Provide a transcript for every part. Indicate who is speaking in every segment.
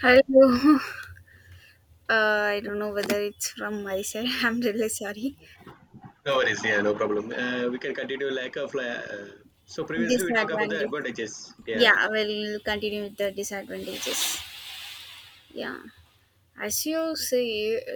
Speaker 1: Hello. I don't know whether it's from my side. I'm really sorry.
Speaker 2: No worries, yeah, no problem. We can continue like a fly. So previously we talked about the
Speaker 1: Disadvantage.
Speaker 2: advantages. Yeah,
Speaker 1: Yeah, we'll continue with the disadvantages. Yeah. As you say,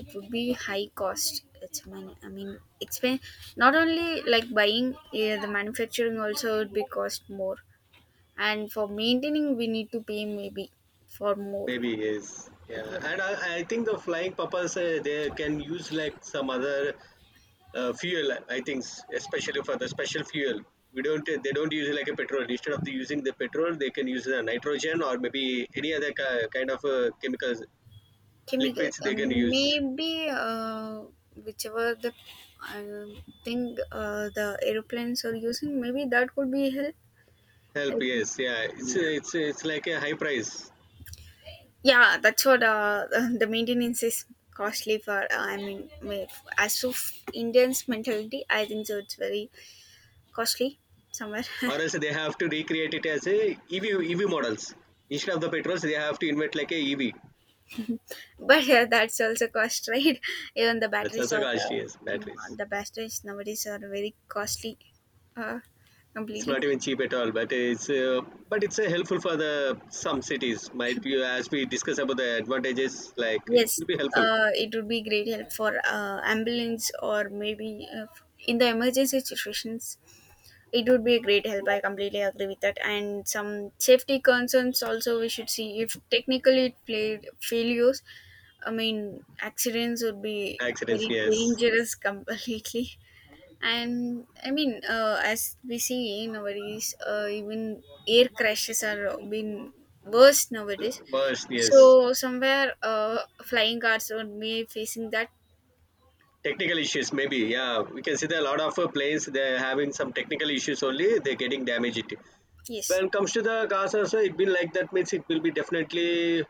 Speaker 1: it would be high cost. It's money. Not only like buying, yeah, the manufacturing also would be cost more. And for maintaining, we need to pay maybe for more.
Speaker 2: maybe is. Yeah,
Speaker 1: Yeah.
Speaker 2: and I think the flying purpose they can use like some other fuel. I think especially for the special fuel, we don't they don't use like a petrol. Instead of the using the petrol, they can use the nitrogen or maybe any other kind of chemicals
Speaker 1: Chemical,
Speaker 2: liquids they can use.
Speaker 1: maybe whichever the uh, thing the aeroplanes are using, maybe that could be help.
Speaker 2: Help,
Speaker 1: I think,
Speaker 2: yes, yeah. It's
Speaker 1: yeah.
Speaker 2: it's it's like a high price.
Speaker 1: Yeah, that's what the maintenance is costly for. As of Indians' mentality, I think so. It's very costly somewhere,
Speaker 2: Or else they have to recreate it as a EV EV models. Instead of the petrols, they have to invent like a EV.
Speaker 1: but yeah, that's also cost, right? Even the
Speaker 2: That's
Speaker 1: batteries
Speaker 2: also
Speaker 1: are,
Speaker 2: costly, yes,
Speaker 1: yeah,
Speaker 2: batteries.
Speaker 1: the batteries nowadays are very costly, uh,
Speaker 2: It's
Speaker 1: completely.
Speaker 2: not even cheap at all, but it's helpful for the some cities. Might be, as we discuss about the advantages, like it
Speaker 1: Yes,
Speaker 2: will be helpful.
Speaker 1: it would be great help for ambulance or maybe in the emergency situations. It would be a great help. I completely agree with that. And some safety concerns also we should see if technically it played failures. I mean, accidents would be
Speaker 2: Accidents,
Speaker 1: very
Speaker 2: yes.
Speaker 1: dangerous completely. And as we see nowadays even air crashes are been worse nowadays,
Speaker 2: Worst, yes.
Speaker 1: so somewhere flying cars would be facing that.
Speaker 2: Technical issues, maybe. Yeah, we can see that a lot of planes they're having some technical issues only. They're getting damaged.
Speaker 1: Yes.
Speaker 2: When it comes to the cars also, it will, like, that means it will be definitely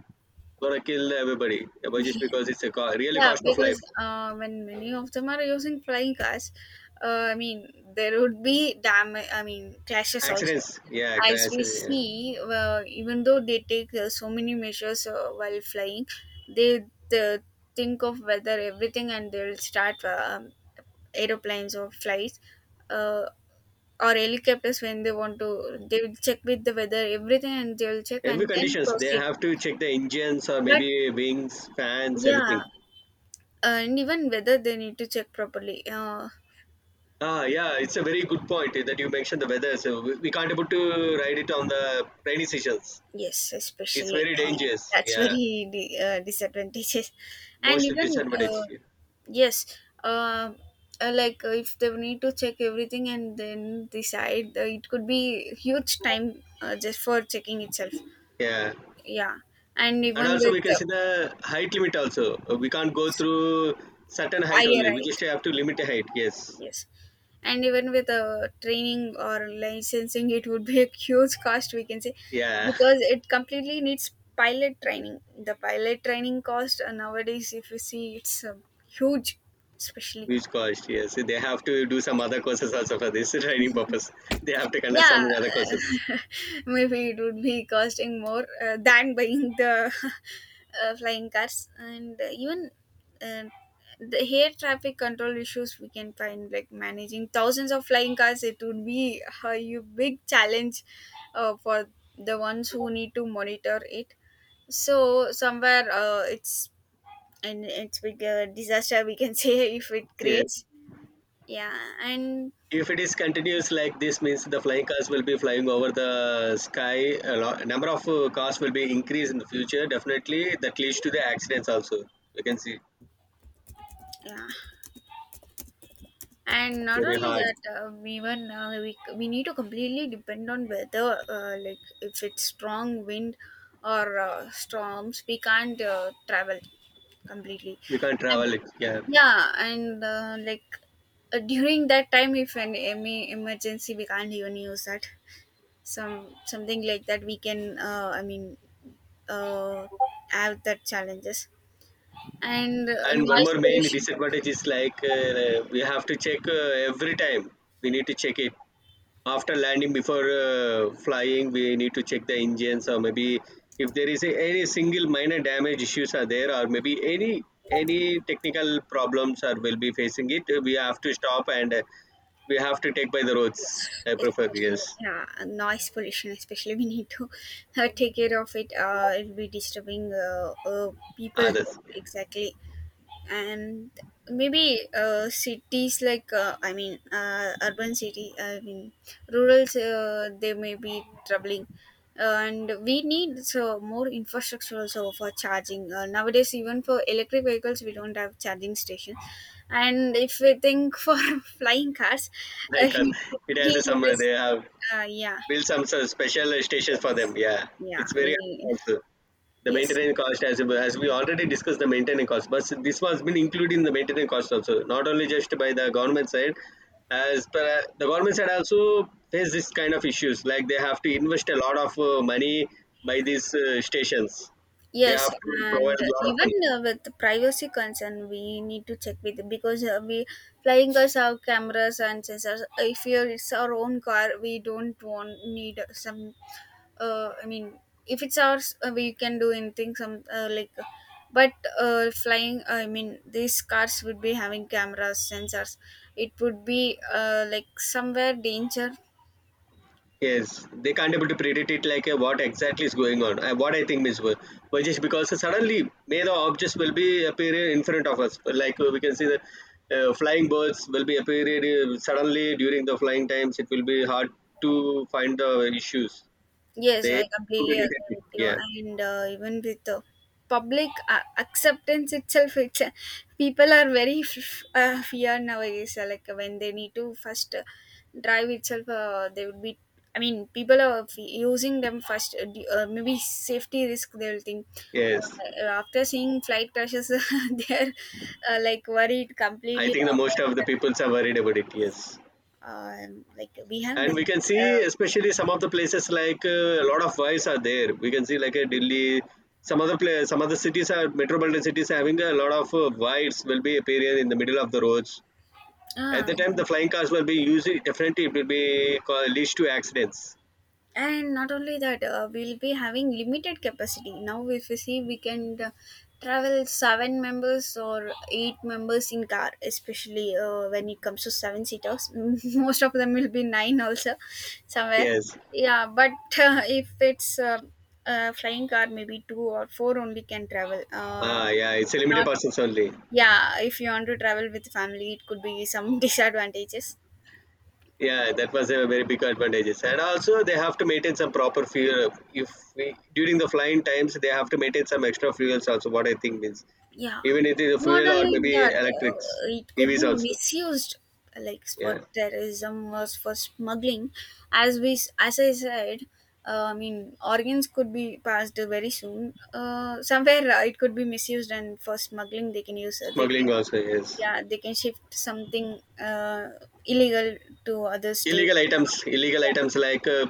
Speaker 2: gonna kill everybody. Yeah, but just because it's a really
Speaker 1: Yeah,
Speaker 2: cost of life.
Speaker 1: because when many of them are using flying cars, uh, I mean, there would be damage, I mean, crashes also.
Speaker 2: Accidents, yeah,
Speaker 1: As
Speaker 2: crashes,
Speaker 1: we
Speaker 2: yeah.
Speaker 1: see, even though they take so many measures while flying, they, they think of weather, everything, and they'll start aeroplanes or flights uh, or helicopters when they want to. They will check with the weather, everything, and they'll check
Speaker 2: Every
Speaker 1: and then
Speaker 2: conditions they
Speaker 1: proceed.
Speaker 2: have to check the engines or
Speaker 1: But
Speaker 2: maybe wings, fans,
Speaker 1: yeah,
Speaker 2: everything.
Speaker 1: and even whether they need to check properly.
Speaker 2: Ah, yeah, it's a very good point that you mentioned the weather. So we can't able to ride it on the rainy seasons.
Speaker 1: Yes,
Speaker 2: It's
Speaker 1: especially
Speaker 2: very dangerous.
Speaker 1: that's
Speaker 2: Yeah,
Speaker 1: very disadvantages, and
Speaker 2: most
Speaker 1: even
Speaker 2: disadvantage. Yeah.
Speaker 1: yes, uh, like if they need to check everything and then decide, it could be huge time just for checking itself.
Speaker 2: Yeah.
Speaker 1: Yeah, and
Speaker 2: And
Speaker 1: even
Speaker 2: also
Speaker 1: with
Speaker 2: we can
Speaker 1: the,
Speaker 2: see the height limit also. We can't go through certain
Speaker 1: are
Speaker 2: height
Speaker 1: you
Speaker 2: only. We just
Speaker 1: right?
Speaker 2: have to limit the height. Yes.
Speaker 1: Yes. And even with training or licensing, it would be a huge cost, we can say,
Speaker 2: Yeah.
Speaker 1: because it completely needs pilot training. The pilot training cost nowadays, if you see, it's huge, especially.
Speaker 2: Which cost, yes. They have to do some other courses also for this training purpose. They have to conduct some
Speaker 1: Yeah,
Speaker 2: other courses.
Speaker 1: maybe it would be costing more than buying the flying cars, and even uh, the air traffic control issues we can find, like managing thousands of flying cars, it would be a big challenge for the ones who need to monitor it, so somewhere it's and it's big disaster we can say if it
Speaker 2: Yeah.
Speaker 1: creates. Yeah. And
Speaker 2: If it is continuous like this, means the flying cars will be flying over the sky. A lot, number of cars will be increased in the future. Definitely, that leads to the accidents also. You can see it's
Speaker 1: yeah, and not
Speaker 2: very
Speaker 1: only
Speaker 2: hard.
Speaker 1: that, even we need to completely depend on weather. Like if it's strong wind or storms, we can't travel completely.
Speaker 2: We can't
Speaker 1: And,
Speaker 2: travel it. Yeah.
Speaker 1: yeah, and like during that time, if an any emergency, we can't even use that. Some something like that, we can. Uh, have that challenges and
Speaker 2: And one
Speaker 1: noise
Speaker 2: more main
Speaker 1: pollution also.
Speaker 2: disadvantage is like we have to check every time. We need to check it after landing. Before flying we need to check the engines, or maybe if there is a, any single minor damage issues are there, or maybe any technical problems are will be facing it, we have to stop and we have to take by the
Speaker 1: Yes,
Speaker 2: roads. I prefer,
Speaker 1: especially
Speaker 2: yes,
Speaker 1: yeah, and noise pollution. Especially we need to take care of it. It'll be disturbing people.
Speaker 2: others.
Speaker 1: Exactly, and maybe cities like urban city, rural, they may be troubling. And we need so more infrastructure also for charging, nowadays even for electric vehicles we don't have charging station, and if we think for flying cars. uh,
Speaker 2: Like
Speaker 1: he,
Speaker 2: it has
Speaker 1: he
Speaker 2: a some they
Speaker 1: this,
Speaker 2: have
Speaker 1: yeah.
Speaker 2: built some sort of special stations for them.
Speaker 1: Yes.
Speaker 2: Yeah,
Speaker 1: Yeah,
Speaker 2: it's
Speaker 1: we
Speaker 2: very
Speaker 1: need.
Speaker 2: also the
Speaker 1: Yes.
Speaker 2: maintenance cost. As we already discussed, the maintenance cost, but this was been included in the maintenance cost also, not only just by the government side. As per the government side also face this kind of issues, like they have to invest a lot of money by these stations. They
Speaker 1: Yes,
Speaker 2: have to
Speaker 1: and
Speaker 2: provide a lot of
Speaker 1: even
Speaker 2: money.
Speaker 1: with the privacy concern, we need to check with, because we flying cars have cameras and sensors. If you're, it's our own car, we don't want need some. Uh, I mean, if it's ours, we can do anything. Some like, but flying. I mean, these cars would be having cameras, sensors. It would be like somewhere danger.
Speaker 2: Yes, they can't able to predict it, like what exactly is going on. What I think is, well, well, just because suddenly may the objects will be appearing in front of us. Like we can see the flying birds will be appearing suddenly during the flying times. It will be hard to find the issues.
Speaker 1: Yes,
Speaker 2: They
Speaker 1: I
Speaker 2: able to
Speaker 1: completely
Speaker 2: detect
Speaker 1: agree
Speaker 2: it.
Speaker 1: with you.
Speaker 2: Yeah.
Speaker 1: And even with the public acceptance itself, it's, people are very fear nowadays. Like when they need to first drive itself, they would be. I mean, people are using them first. Maybe safety risk they will think.
Speaker 2: Yes.
Speaker 1: After seeing flight crashes, they are like worried
Speaker 2: I
Speaker 1: completely
Speaker 2: think the most of the peoples are worried about it. Yes.
Speaker 1: about. Like we have
Speaker 2: And
Speaker 1: that.
Speaker 2: we can see, especially some of the places, like a lot of wives are there, we can see like a Delhi, some other place, some other cities are metropolitan cities having a lot of wives will be appearing in the middle of the roads at
Speaker 1: Uh, ah,
Speaker 2: the time the flying cars will be usually definitely it will be leads to accidents.
Speaker 1: and not only that, we'll be having limited capacity. Now if you see, we can travel seven members or eight members in car, especially when it comes to seven seaters. Most of them will be nine also somewhere.
Speaker 2: Yes.
Speaker 1: Yeah, but if it's a flying car, maybe two or four only can travel,
Speaker 2: Ah, yeah, it's
Speaker 1: it's
Speaker 2: a limited
Speaker 1: not.
Speaker 2: persons only.
Speaker 1: Yeah, if you want to travel with family it could be some disadvantages.
Speaker 2: Yeah, that was a very big advantages. And also they have to maintain some proper fuel. If we, during the flying times, they have to maintain some extra fuels also. What I think means,
Speaker 1: Yeah,
Speaker 2: even if it is a
Speaker 1: not
Speaker 2: fuel or
Speaker 1: only
Speaker 2: maybe
Speaker 1: that,
Speaker 2: electrics,
Speaker 1: it could
Speaker 2: EVs
Speaker 1: be
Speaker 2: also.
Speaker 1: misused, like for
Speaker 2: Yeah,
Speaker 1: terrorism or for smuggling. As we, as I said, organs could be passed very soon. Somewhere it could be misused, and for smuggling, they can use,
Speaker 2: smuggling also, yes.
Speaker 1: yeah, they can shift something illegal to other state,
Speaker 2: Illegal items, illegal items, like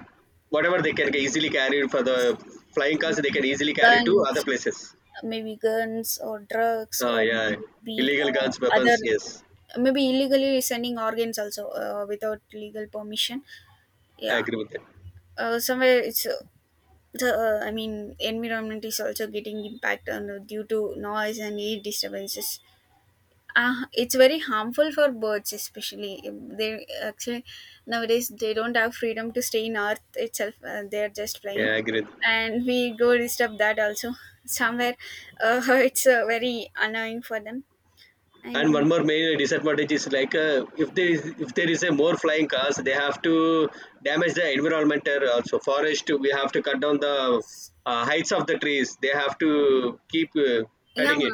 Speaker 2: whatever they can easily carry for the flying cars, they
Speaker 1: maybe
Speaker 2: can easily carry to
Speaker 1: guns,
Speaker 2: other places.
Speaker 1: maybe guns or drugs
Speaker 2: Ah,
Speaker 1: or
Speaker 2: yeah,
Speaker 1: maybe
Speaker 2: illegal guns,
Speaker 1: other,
Speaker 2: weapons. Yes,
Speaker 1: maybe illegally sending organs also without legal permission.
Speaker 2: I
Speaker 1: Yeah.
Speaker 2: agree with that.
Speaker 1: Somewhere it's the I mean environment is also getting impact on due to noise and air disturbances. It's very harmful for birds especially. They actually nowadays they don't have freedom to stay in earth itself, they're just
Speaker 2: Yeah,
Speaker 1: flying,
Speaker 2: I agree.
Speaker 1: and we go disturb that also somewhere. It's very annoying for them.
Speaker 2: And one
Speaker 1: And
Speaker 2: more main disadvantage is, like if there is, if there is a more flying cars, they have to damage the environment or also forest. We have to cut down the heights of the trees. They have to keep
Speaker 1: yeah,
Speaker 2: cutting it.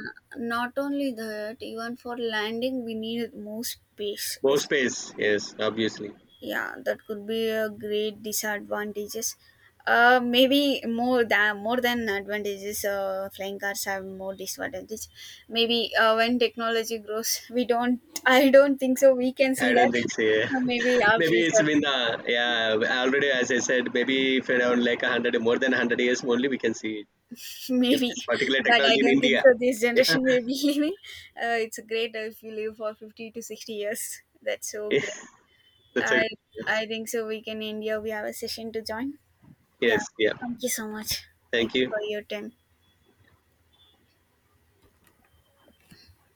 Speaker 1: not only that, even for landing we need more space,
Speaker 2: More space,
Speaker 1: especially.
Speaker 2: yes, obviously.
Speaker 1: Yeah, that could be a great disadvantages. Maybe more than advantages, flying cars have more disadvantages. Maybe when technology grows we don't, I don't think so we can
Speaker 2: I
Speaker 1: see
Speaker 2: don't
Speaker 1: that.
Speaker 2: think so. Yeah.
Speaker 1: Maybe our
Speaker 2: Maybe it's
Speaker 1: future.
Speaker 2: been the, yeah, already as I said. Maybe if around like 100, more than 100 years only, we can see it. If this
Speaker 1: Maybe,
Speaker 2: particular
Speaker 1: but I
Speaker 2: technology in
Speaker 1: don't think
Speaker 2: India,
Speaker 1: so this generation will be living. It's great if you live for 50 to 60 years, that's so great.
Speaker 2: that's it.
Speaker 1: i
Speaker 2: Yes,
Speaker 1: i think so we can end here, we have a session to join.
Speaker 2: yes,
Speaker 1: Yeah.
Speaker 2: yeah.
Speaker 1: Thank you so much.
Speaker 2: Thank
Speaker 1: Thank you
Speaker 2: you.
Speaker 1: for your time.